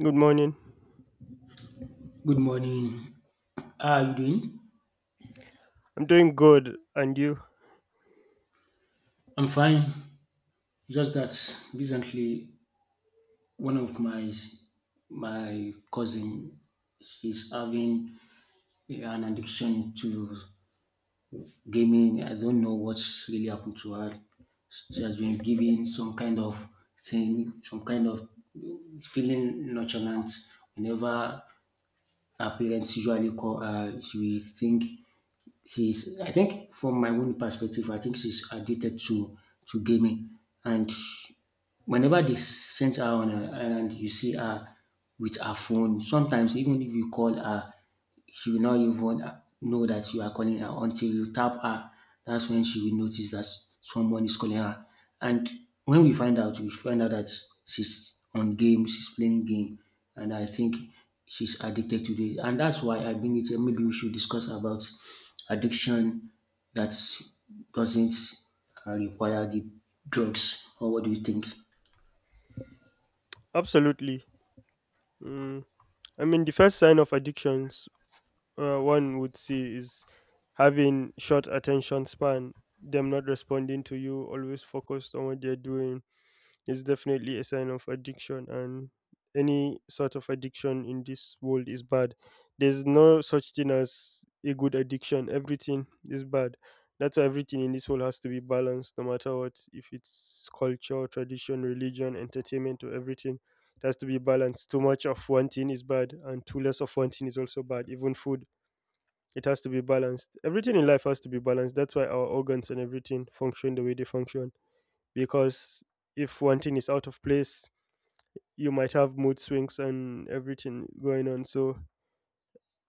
Good morning. Good morning. How are you doing? I'm doing good, and you? I'm fine. Just that recently one of my cousin, she's having an addiction to gaming. I don't know what's really happened to her. She has been given some kind of thing, some kind of feeling nonchalant whenever her parents usually call her, she will think she's, I think from my own perspective, I think she's addicted to gaming. And whenever they send her on a, and you see her with her phone, sometimes even if you call her, she will not even know that you are calling her until you tap her. That's when she will notice that someone is calling her. And when we find out that she's on game, she's playing game, and I think she's addicted to it. And that's why I bring it here. Maybe we should discuss about addiction that doesn't require the drugs. Or what do you think? Absolutely. Mm. I mean, the first sign of addictions one would see is having short attention span, them not responding to you, always focused on what they're doing. It's definitely a sign of addiction, and any sort of addiction in this world is bad. There's no such thing as a good addiction, everything is bad. That's why everything in this world has to be balanced, no matter what, if it's culture, tradition, religion, entertainment, or everything. It has to be balanced. Too much of one thing is bad, and too less of one thing is also bad. Even food, it has to be balanced. Everything in life has to be balanced. That's why our organs and everything function the way they function because if one thing is out of place, you might have mood swings and everything going on. So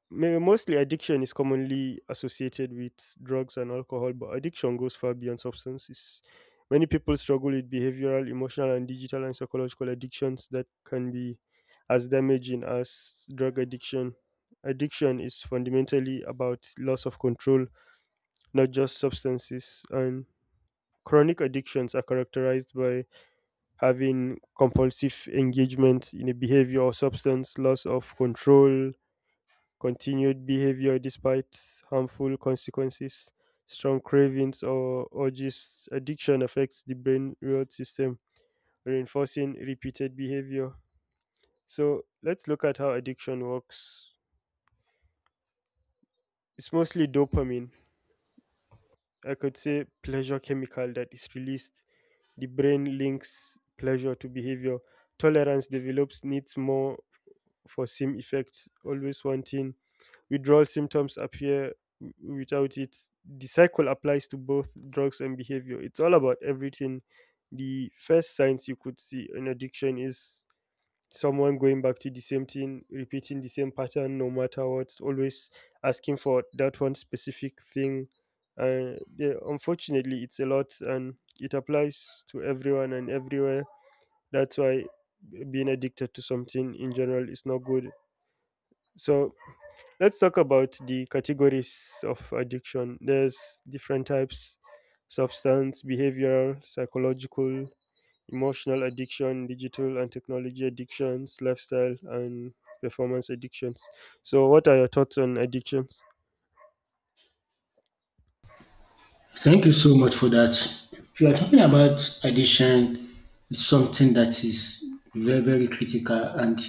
mostly addiction is commonly associated with drugs and alcohol, but addiction goes far beyond substances. Many people struggle with behavioral, emotional, and digital and psychological addictions that can be as damaging as drug addiction. Addiction is fundamentally about loss of control, not just substances. And chronic addictions are characterized by having compulsive engagement in a behavior or substance, loss of control, continued behavior despite harmful consequences, strong cravings or urges. Addiction affects the brain reward system, reinforcing repeated behavior. So let's look at how addiction works. It's mostly dopamine. I could say pleasure chemical that is released. The brain links pleasure to behavior. Tolerance develops, needs more for sim effects, always wanting. Withdrawal symptoms appear without it. The cycle applies to both drugs and behavior, it's all about everything. The first signs you could see in addiction is someone going back to the same thing, repeating the same pattern no matter what, always asking for that one specific thing. And yeah, unfortunately it's a lot and it applies to everyone and everywhere. That's why being addicted to something in general is not good. So let's talk about the categories of addiction. There's different types: substance, behavioral, psychological, emotional addiction, digital and technology addictions, lifestyle, and performance addictions. So, what are your thoughts on addictions? Thank you so much for that. If you are talking about addiction, it's something that is very, very critical. And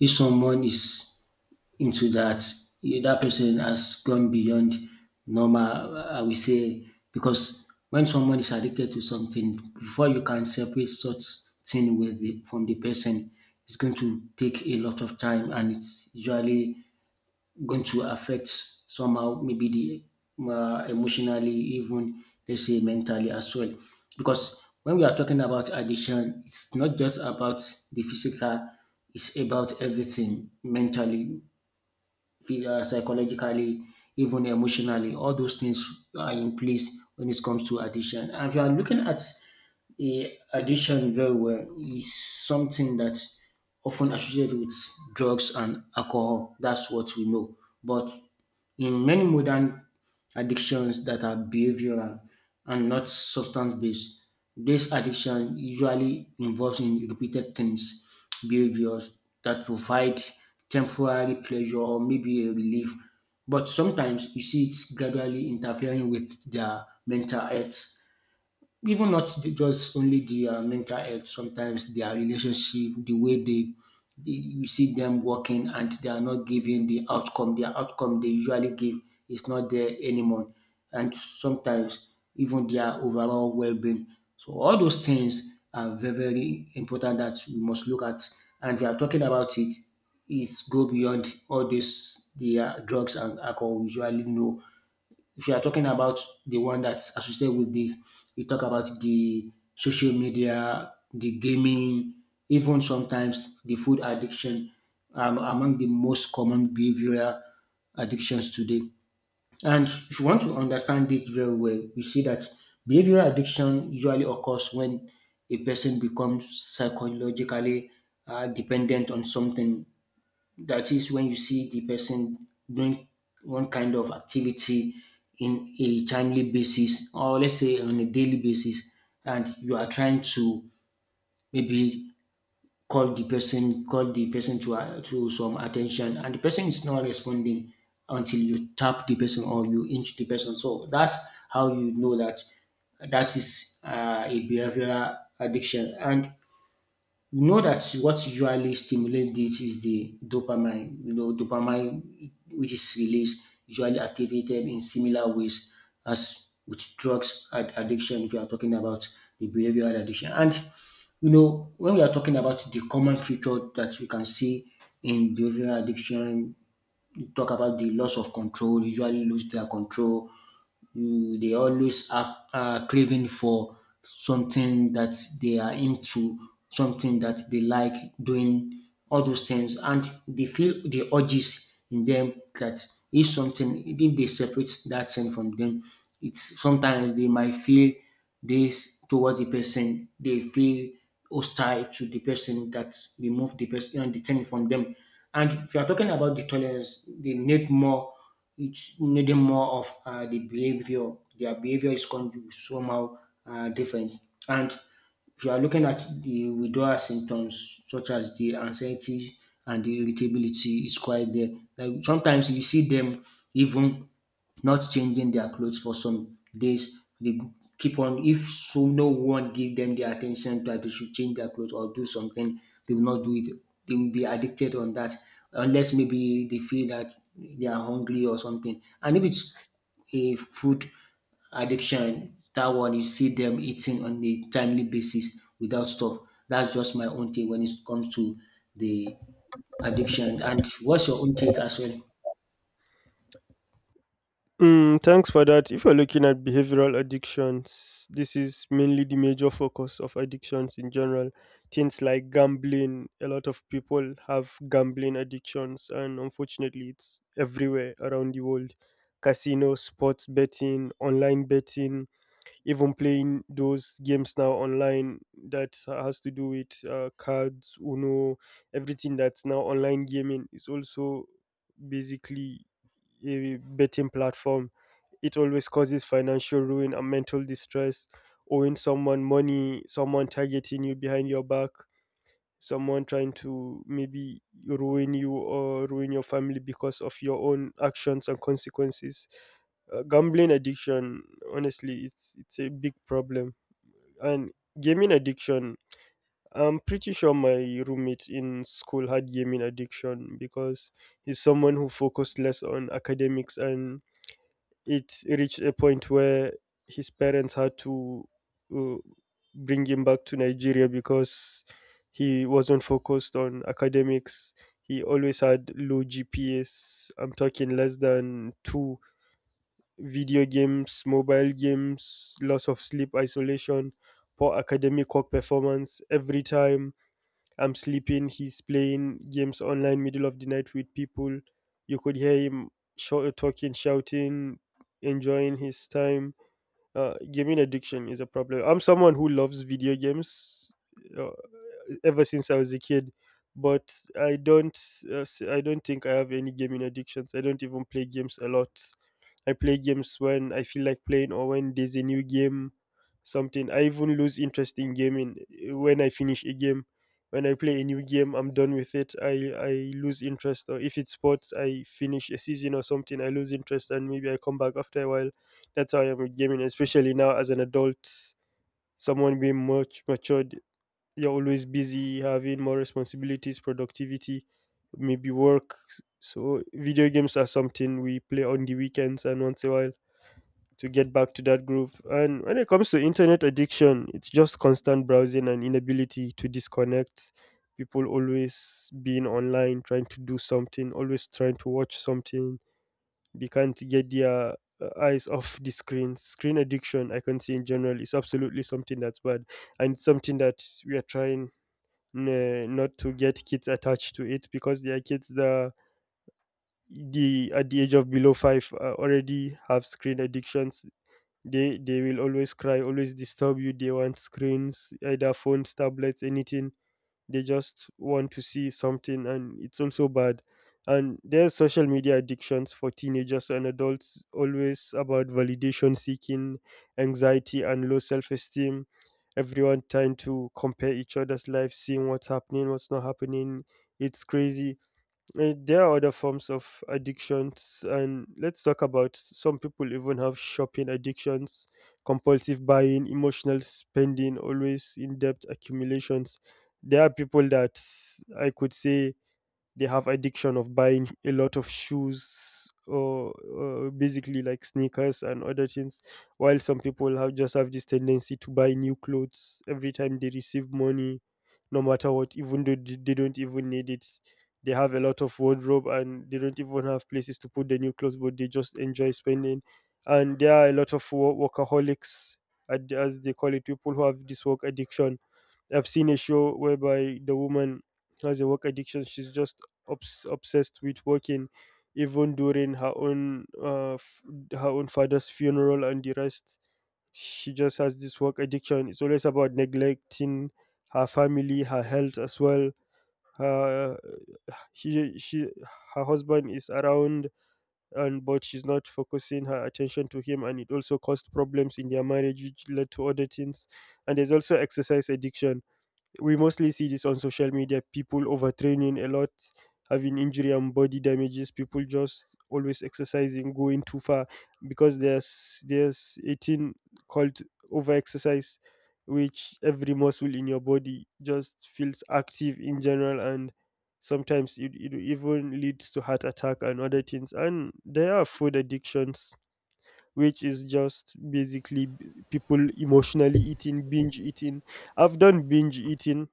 if someone is into that, you know, that person has gone beyond normal, I will say, because when someone is addicted to something, before you can separate such thing with the, from the person, it's going to take a lot of time, and it's usually going to affect somehow, maybe the emotionally, even let's say mentally as well. Because when we are talking about addiction, it's not just about the physical, it's about everything, mentally, psychologically, even emotionally. All those things are in place when it comes to addiction. And if you are looking at the addiction very well, is something that often associated with drugs and alcohol. That's what we know. But in many modern addictions that are behavioral and not substance based. This addiction usually involves in repeated things, behaviors that provide temporary pleasure or maybe a relief. But sometimes you see it's gradually interfering with their mental health, even not just only the mental health, sometimes their relationship, the way they you see them working and they are not giving the outcome, their outcome they usually give is not there anymore. And sometimes even their overall well-being. So all those things are very, very important that we must look at. And we are talking about it, it go beyond all this, the drugs and alcohol we usually know. If you are talking about the one that's associated with this, you talk about the social media, the gaming, even sometimes the food addiction, among the most common behavioral addictions today. And if you want to understand it very well, we see that behavioral addiction usually occurs when a person becomes psychologically dependent on something. That is when you see the person doing one kind of activity in a timely basis, or let's say on a daily basis, and you are trying to maybe call the person to some attention, and the person is not responding until you tap the person or you inch the person. So that's how you know that that is a behavioral addiction. And you know that what usually stimulates this is the dopamine. You know, dopamine, which is released, usually activated in similar ways as with addiction. If you are talking about the behavioral addiction, and you know, when we are talking about the common feature that we can see in behavioral addiction, we talk about the loss of control. Usually lose their control, you, they always are craving for something that they are into, something that they like doing, all those things, and they feel the urges in them that if something, if they separate that thing from them, it's sometimes they might feel this towards the person, they feel hostile to the person that remove the person and the thing from them. And if you are talking about the tolerance, they need more, it's needing more of the behavior. Their behavior is going to be somehow different. And if you are looking at the withdrawal symptoms, such as the anxiety and the irritability, is quite there. Like sometimes you see them even not changing their clothes for some days. They keep on, if so no one give them the attention that they should change their clothes or do something, they will not do it. They will be addicted on that unless maybe they feel that they are hungry or something. And if it's a food addiction, that one you see them eating on a timely basis without stop. That's just my own take when it comes to the addiction. And what's your own take as well? Mm, thanks for that. If you're looking at behavioral addictions, this is mainly the major focus of addictions in general. Things like gambling, a lot of people have gambling addictions, and unfortunately, it's everywhere around the world. Casino, sports betting, online betting, even playing those games now online that has to do with cards, Uno, everything that's now online gaming is also basically a betting platform. It always causes financial ruin and mental distress, owing someone money, someone targeting you behind your back, someone trying to maybe ruin you or ruin your family because of your own actions and consequences. Gambling addiction, honestly it's a big problem. And gaming addiction, I'm pretty sure my roommate in school had gaming addiction because he's someone who focused less on academics, and it reached a point where his parents had to uh, bring him back to Nigeria because he wasn't focused on academics. He always had low GPS. I'm talking less than two. Video games, mobile games, loss of sleep, isolation, poor academic work performance. Every time I'm sleeping, he's playing games online middle of the night with people. You could hear him talking, shouting, enjoying his time. Gaming addiction is a problem. I'm someone who loves video games. Uh, Ever since I was a kid. But I don't, I don't think I have any gaming addictions. I don't even play games a lot. I play games when I feel like playing or when there's a new game, something. I even lose interest in gaming when I finish a game. When I play a new game, I'm done with it. I lose interest. Or if it's sports, I finish a season or something, I lose interest and maybe I come back after a while. That's how I am with gaming, especially now as an adult, someone being much matured. You're always busy, having more responsibilities, productivity, maybe work. So video games are something we play on the weekends and once in a while to get back to that groove. And when it comes to internet addiction, it's just constant browsing and inability to disconnect. People always being online, trying to do something, always trying to watch something, they can't get their eyes off the screen. Screen addiction I can see in general is absolutely something that's bad, and it's something that we are trying not to get kids attached to, it because there are kids that the at the age of below five already have screen addictions. They will always cry, always disturb you. They want screens, either phones, tablets, anything. They just want to see something, and it's also bad. And there's social media addictions for teenagers and adults, always about validation seeking, anxiety, and low self-esteem. Everyone trying to compare each other's lives, seeing what's happening, what's not happening, it's crazy. There are other forms of addictions, and let's talk about, some people even have shopping addictions, compulsive buying, emotional spending, always in debt accumulations. There are people that, I could say, they have addiction of buying a lot of shoes, or basically like sneakers and other things, while some people have just have this tendency to buy new clothes every time they receive money, no matter what. Even though they don't even need it, they have a lot of wardrobe and they don't even have places to put the new clothes, but they just enjoy spending. And there are a lot of workaholics, as they call it, people who have this work addiction. I've seen a show whereby the woman has a work addiction. She's just obsessed with working, even during her own her own father's funeral and the rest. She just has this work addiction. It's always about neglecting her family, her health as well, her, she her husband is around, and but she's not focusing her attention to him, and it also caused problems in their marriage, which led to other things. And there's also exercise addiction. We mostly see this on social media, people overtraining a lot, having injury and body damages. People just always exercising, going too far, because there's a thing called over exercise, which every muscle in your body just feels active in general, and sometimes it even leads to heart attack and other things. And there are food addictions, which is just basically people emotionally eating, binge eating. I've done binge eating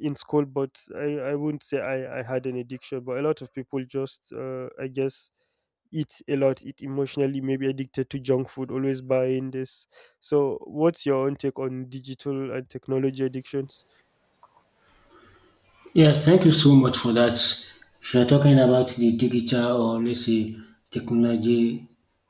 in school, but I wouldn't say I had an addiction, but a lot of people just I guess eat a lot, eat emotionally, maybe addicted to junk food, always buying this. So what's your own take on digital and technology addictions? Yeah, thank you so much for that. If you're talking about the digital, or let's say technology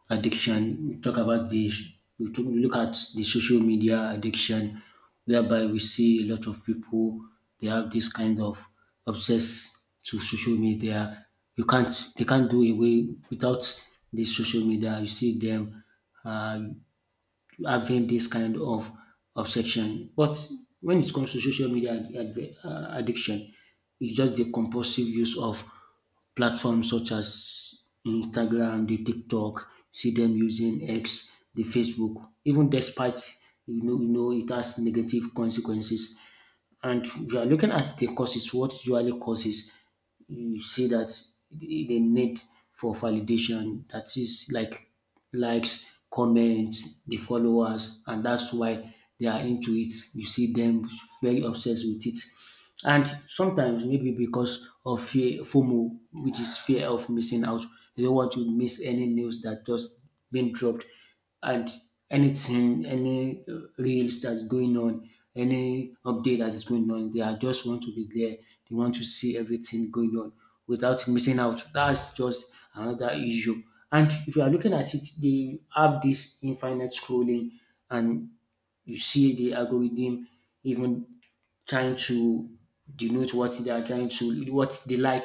addiction, we talk about the look at the social media addiction, whereby we see a lot of people, they have this kind of obsess to social media. You can't they can't do away without this social media. You see them. Uh, Having this kind of obsession. But when it comes to social media addiction, it's just the compulsive use of platforms such as Instagram, the TikTok, see them using X, the Facebook, even despite, you know it has negative consequences. And you are looking at the causes, what usually causes, you see that the need for validation, that is like likes, comments, the followers, and that's why they are into it. You see them very obsessed with it. And sometimes maybe because of fear, FOMO, which is fear of missing out. You don't want to miss any news that just been dropped, and anything, any reels that's going on, any update that is going on. They are just want to be there. They want to see everything going on without missing out. That's just another issue. And if you are looking at it, they have this infinite scrolling, and you see the algorithm even trying to denote what they are trying to, what they like,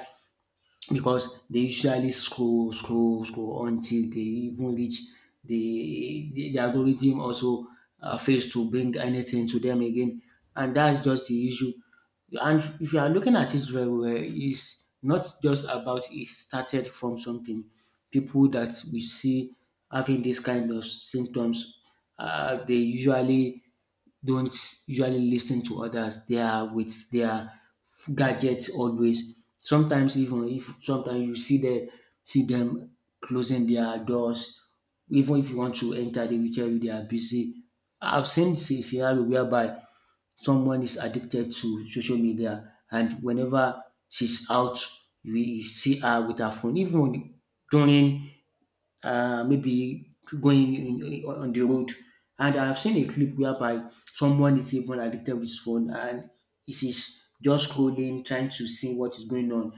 because they usually scroll until they even reach the algorithm also fails to bring anything to them again. And that's just the issue. And if you are looking at it very well, it's not just about it, started from something. People that we see having this kind of symptoms, they usually don't usually listen to others. They are with their gadgets always. Sometimes even if sometimes you see them see them closing their doors. Even if you want to enter, they will tell you they are busy. I've seen scenario whereby someone is addicted to social media, and whenever she's out, we see her with her phone. Even during maybe going in, on the road. And I've seen a clip whereby someone is even addicted with his phone and it is just scrolling, trying to see what is going on.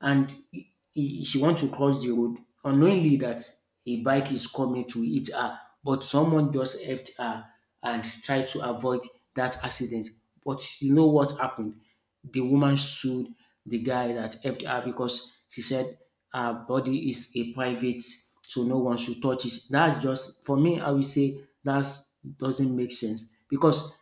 And she wants to cross the road, unknowingly that a bike is coming to hit her, but someone just helped her and tried to avoid that accident. But you know what happened? The woman sued the guy that helped her because she said her body is a private, so no one should touch it. That's just for me. I will say that doesn't make sense because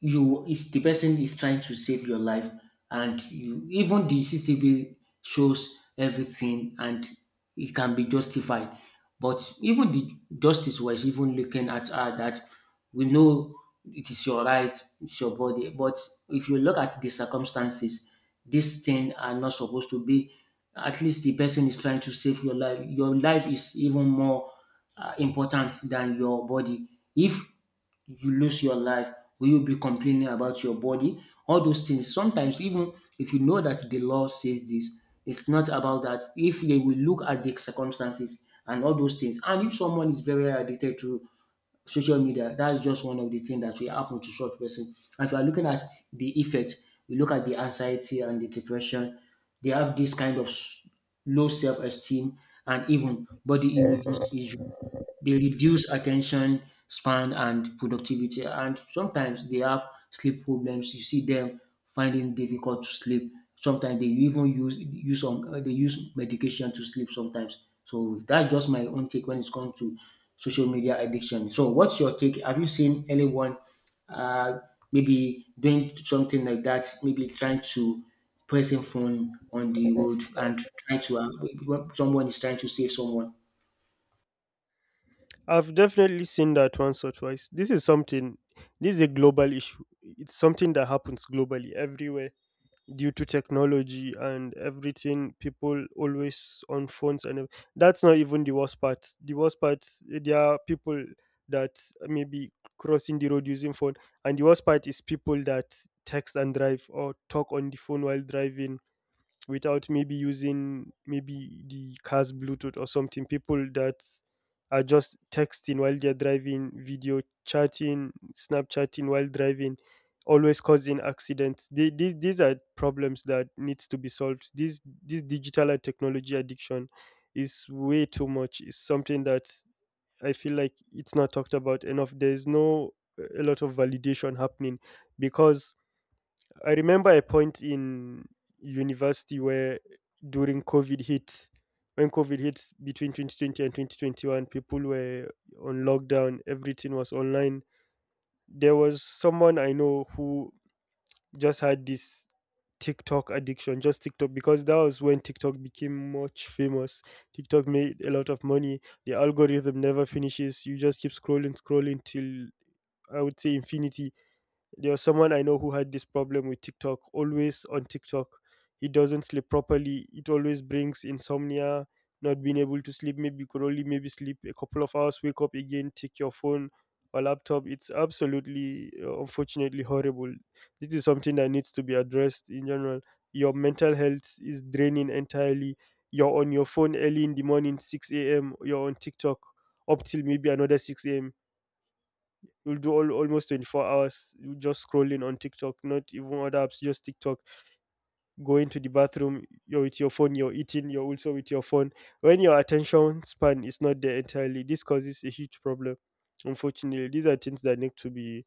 you is the person is trying to save your life, and you, even the CCTV shows everything and it can be justified, but even the justice was even looking at her that we know it is your right, it's your body, but if you look at the circumstances, these things are not supposed to be. At least the person is trying to save your life. Your life is even more important than your body. if if you lose your life, will you be complaining about your body? All those things. Sometimes, even if you know that the law says this, it's not about that. If they will look at the circumstances and all those things, and if someone is very addicted to social media, that is just one of the things that will happen to such person. And if you are looking at the effect, we look at the anxiety and the depression, they have this kind of low self-esteem and even body image is, they reduce attention span and productivity, and sometimes they have sleep problems. You see them finding difficult to sleep. Sometimes they even use some, they use medication to sleep sometimes. So that's just my own take when it's come to social media addiction. So what's your take? Have you seen anyone uh maybe doing something like that, maybe trying to pressing phone on the road and try to someone is trying to save someone? I've definitely seen that once or twice. This is something, this is a global issue, it's something that happens globally everywhere due to technology and everything, people always on phones and that's not even the worst part. The worst part, eh, there are people that maybe crossing the road using phone, and the worst part is people that text and drive or talk on the phone while driving without maybe using maybe the car's Bluetooth or something. People that are just texting while they're driving, video chatting, Snapchatting while driving, always causing accidents. They, these are problems that needs to be solved. This digital and technology addiction is way too much. It's something that I feel like it's not talked about enough. There's no a lot of validation happening because I remember a point in university where during COVID hit, when COVID hit between 2020 and 2021, people were on lockdown, everything was online. There was someone I know who just had this TikTok addiction, just TikTok, because that was when TikTok became much famous. TikTok made a lot of money. The algorithm never finishes. You just keep scrolling, scrolling till I would say infinity. There was someone I know who had this problem with TikTok, always on TikTok. He doesn't sleep properly. It always brings insomnia, not being able to sleep. Maybe you could only maybe sleep a couple of hours, wake up again, take your phone or laptop. It's absolutely, unfortunately, horrible. This is something that needs to be addressed in general. Your mental health is draining entirely. You're on your phone early in the morning, 6 a.m. You're on TikTok up till maybe another 6 a.m. You'll do all, almost 24 hours you just scrolling on TikTok, not even other apps, just TikTok. Going to the bathroom, you're with your phone, you're eating, you're also with your phone. When your attention span is not there entirely, this causes a huge problem. Unfortunately, these are things that need to be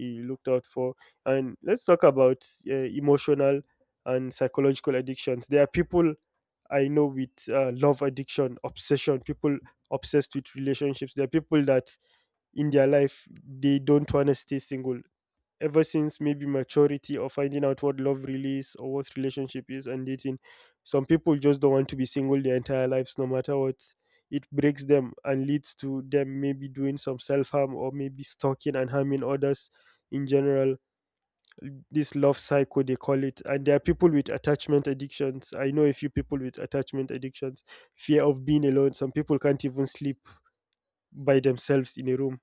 looked out for. And let's talk about emotional and psychological addictions. There are people I know with love addiction, obsession, people obsessed with relationships. There are people that in their life they don't want to stay single ever since maybe maturity or finding out what love really is or what relationship is and dating. Some people just don't want to be single their entire lives, no matter what. It breaks them and leads to them maybe doing some self-harm or maybe stalking and harming others. In general, this love cycle they call it, and there are people with attachment addictions. I know a few people with attachment addictions, fear of being alone. Some people can't even sleep by themselves in a room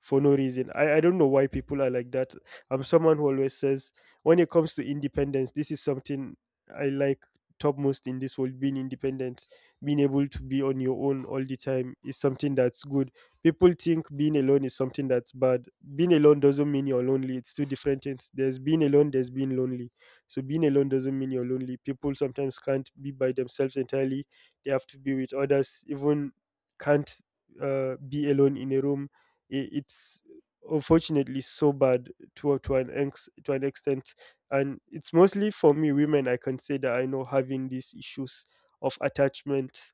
for no reason. I don't know why people are like that. I'm someone who always says, when it comes to independence, this is something I like topmost in this world. Being independent, being able to be on your own all the time is something that's good. People think being alone is something that's bad. Being alone doesn't mean you're lonely, it's two different things. There's being alone, there's being lonely. So being alone doesn't mean you're lonely. People sometimes can't be by themselves entirely, they have to be with others, even can't be alone in a room. It's unfortunately so bad to an extent, and it's mostly for me women I consider I know having these issues of attachment.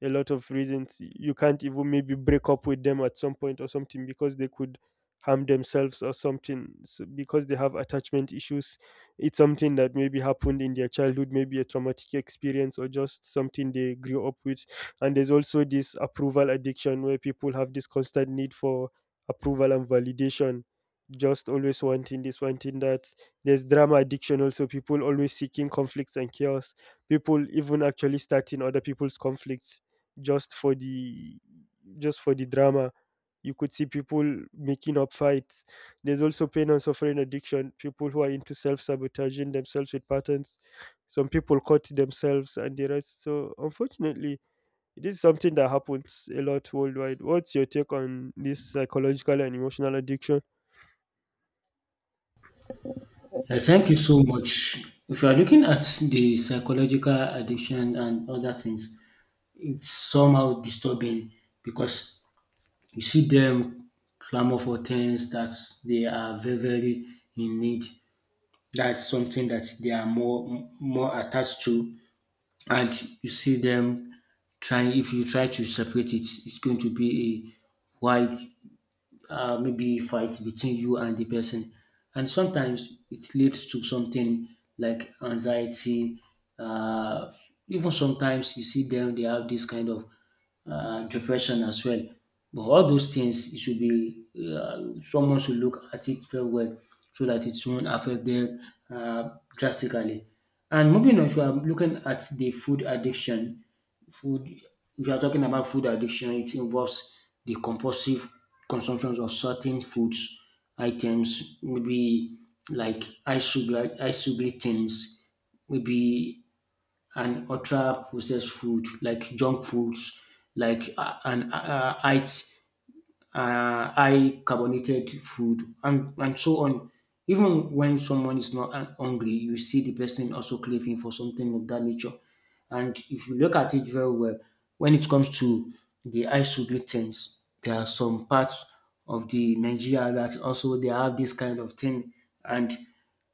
A lot of reasons you can't even maybe break up with them at some point or something, because they could harm themselves or something. So because they have attachment issues, it's something that maybe happened in their childhood, maybe a traumatic experience or just something they grew up with. And there's also this approval addiction where people have this constant need for approval and validation, just always wanting this, wanting that. There's drama addiction also, people always seeking conflicts and chaos, people even actually starting other people's conflicts just for the just for the drama. You could see people making up fights. There's also pain and suffering addiction, people who are into self sabotaging themselves with patterns. Some people cut themselves and the rest. So, unfortunately, it is something that happens a lot worldwide. What's your take on this psychological and emotional addiction? Thank you so much. If you are looking at the psychological addiction and other things, it's somehow disturbing because you see them clamor for things that they are very, very in need. That's something that they are more attached to, and you see them trying. If you try to separate it, it's going to be a wide maybe fight between you and the person. And sometimes it leads to something like anxiety. Uh, Even sometimes you see them, they have this kind of depression as well. But all those things, it should be someone should look at it very well so that it won't affect them uh, drastically. And moving on, if you are looking at the food addiction, Food, if you are talking about food addiction, it involves the compulsive consumption of certain foods, items, maybe like high sugar, high sugar things, maybe an ultra processed food like junk foods, like an height high carbonated food and so on. Even when someone is not hungry, you see the person also craving for something of that nature. And if you look at it very well, when it comes to the isoglutens, there are some parts of the Nigeria that also they have this kind of thing. And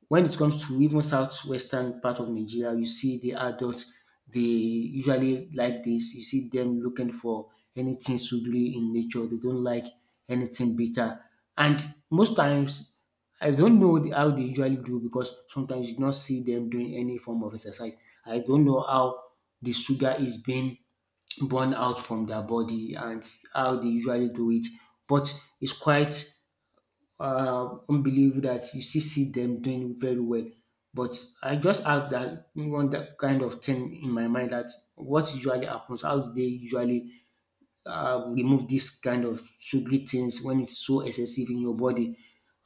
when it comes to even southwestern part of Nigeria, you see the adults, they usually like this. You see them looking for anything sugary in nature. They don't like anything bitter. And most times, I don't know how they usually do because sometimes you do not see them doing any form of exercise. I don't know how the sugar is being burn out from their body and how they usually do it. But it's quite unbelievable that you still see them doing very well. But I just have that one that kind of thing in my mind that what usually happens, how do they usually remove this kind of sugary things when it's so excessive in your body?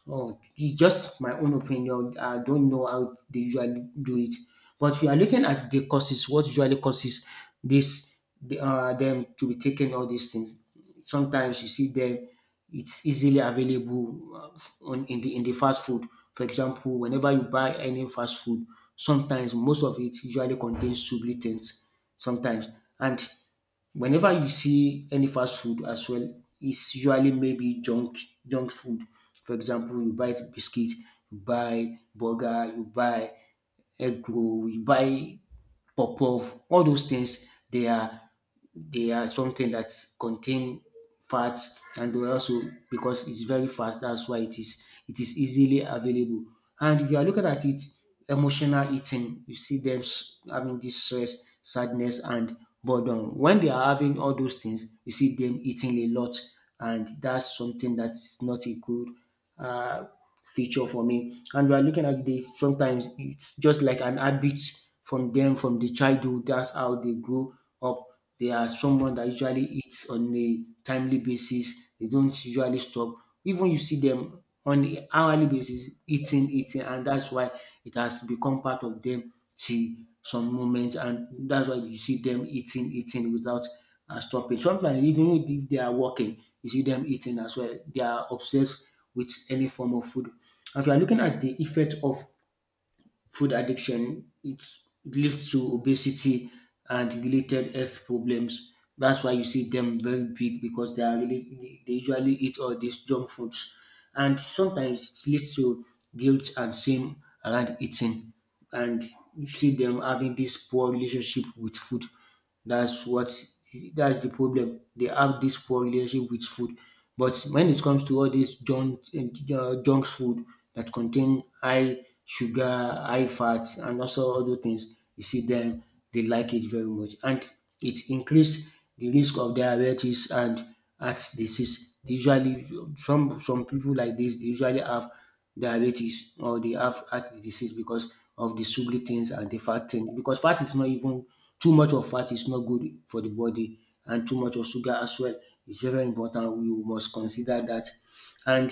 Oh, it's just my own opinion. I don't know how they usually do it, but we are looking at the causes. What usually causes them to be taking all these things? Sometimes you see them; it's easily available on in the fast food. For example, whenever you buy any fast food, sometimes most of it usually contains sugar sometimes and whenever you see any fast food as well, it's usually maybe junk food. For example, you buy biscuit, you buy burger, you buy egg roll, you buy puff, all those things they are something that contain fats, and they also, because it's very fast, that's why it is easily available. And if you are looking at it, emotional eating, you see them having this stress, sadness, and boredom. When they are having all those things, you see them eating a lot, and that's something that's not a good uh, feature for me. And we are looking at this, sometimes it's just like an habit from them from the childhood. That's how they grow up. They are someone that usually eats on a timely basis. They don't usually stop. Even you see them on an hourly basis eating, eating, and that's why it has become part of them till some moment, and that's why you see them eating, eating without stopping. Sometimes even if they are working, you see them eating as well. They are obsessed with any form of food. If you are looking at the effect of food addiction, it leads to obesity and related health problems. That's why you see them very big, because they are really they usually eat all these junk foods, and sometimes it leads to guilt and shame around eating, and you see them having this poor relationship with food. That's what that's the problem. They have this poor relationship with food. But when it comes to all this junk food that contain high sugar, high fat, and also other things, you see them they like it very much, and it increase the risk of diabetes and heart disease. They usually some people like this they usually have diabetes or they have heart disease because of the sugary things and the fat things. Because fat is not even too much of fat is not good for the body, and too much of sugar as well is very important. We must consider that. And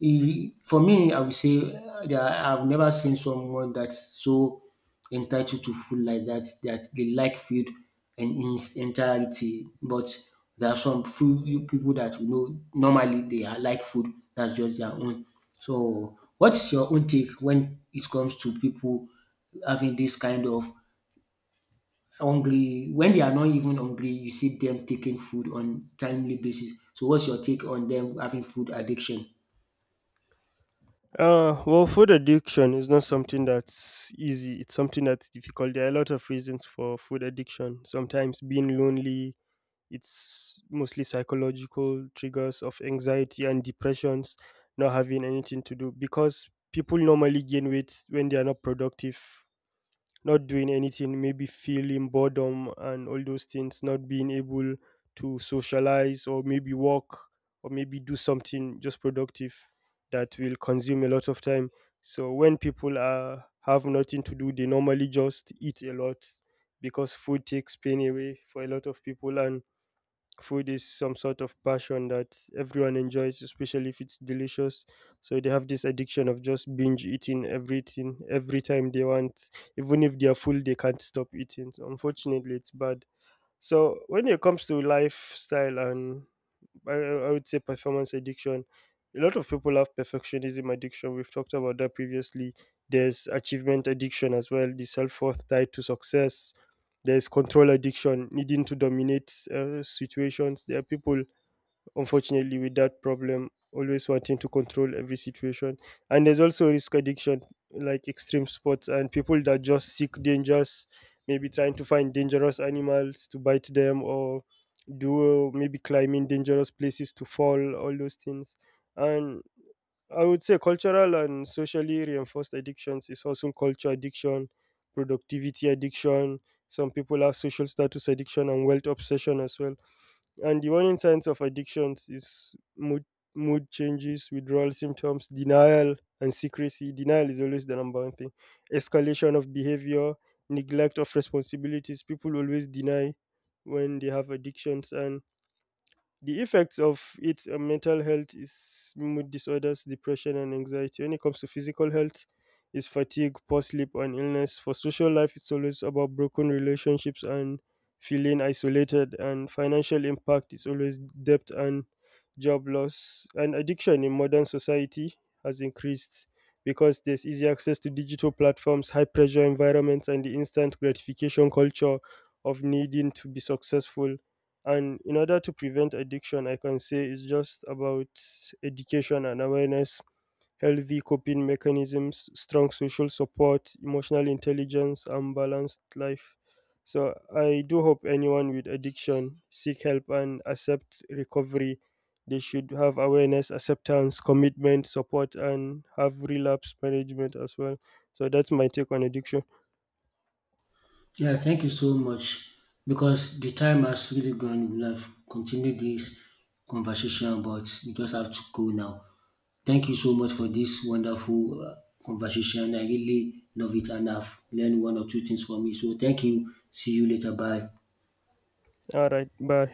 for me, I would say that I've never seen someone that's so entitled to food like that, that they like food and in its entirety. But there are some few people that you know normally they are like food, that's just their own. So what is your own take when it comes to people having this kind of hungry when they are not even hungry, you see them taking food on timely basis. So what's your take on them having food addiction? Well, food addiction is not something that's easy. It's something that's difficult. There are a lot of reasons for food addiction. Sometimes being lonely, it's mostly psychological triggers of anxiety and depressions, not having anything to do, because people normally gain weight when they are not productive, not doing anything, maybe feeling boredom and all those things, not being able to socialize or maybe walk or maybe do something just productive that will consume a lot of time. So when people are have nothing to do, they normally just eat a lot, because food takes pain away for a lot of people. And food is some sort of passion that everyone enjoys, especially if it's delicious. So they have this addiction of just binge eating everything every time they want. Even if they are full, they can't stop eating. So unfortunately, it's bad. So when it comes to lifestyle, and I would say performance addiction. A lot of people have perfectionism addiction. We've talked about that previously. There's achievement addiction as well, the self worth tied to success. There's control addiction, needing to dominate situations. There are people unfortunately with that problem always wanting to control every situation. And there's also risk addiction, like extreme sports and people that just seek dangers, maybe trying to find dangerous animals to bite them, or do maybe climbing dangerous places to fall, all those things. And I would say cultural and socially reinforced addictions is also culture addiction, productivity addiction. Some people have social status addiction and wealth obsession as well. And the warning signs of addictions is mood changes, withdrawal symptoms, denial, and secrecy. Denial is always the number one thing. Escalation of behavior, neglect of responsibilities. People always deny when they have addictions. And the effects of it on mental health is mood disorders, depression, and anxiety. When it comes to physical health, is fatigue, poor sleep, and illness. For social life, it's always about broken relationships and feeling isolated. And financial impact is always debt and job loss. And addiction in modern society has increased because there's easy access to digital platforms, high pressure environments, and the instant gratification culture of needing to be successful. And in order to prevent addiction, I can say it's just about education and awareness, healthy coping mechanisms, strong social support, emotional intelligence, and balanced life. So I do hope anyone with addiction seek help and accept recovery. They should have awareness, acceptance, commitment, support, and have relapse management as well. So that's my take on addiction. Yeah, thank you so much, because the time has really gone. We have continued this conversation, but we just have to go now. Thank you so much for this wonderful conversation. I really love it, and I've learned one or two things from you. So, thank you. See you later. Bye. All right, bye.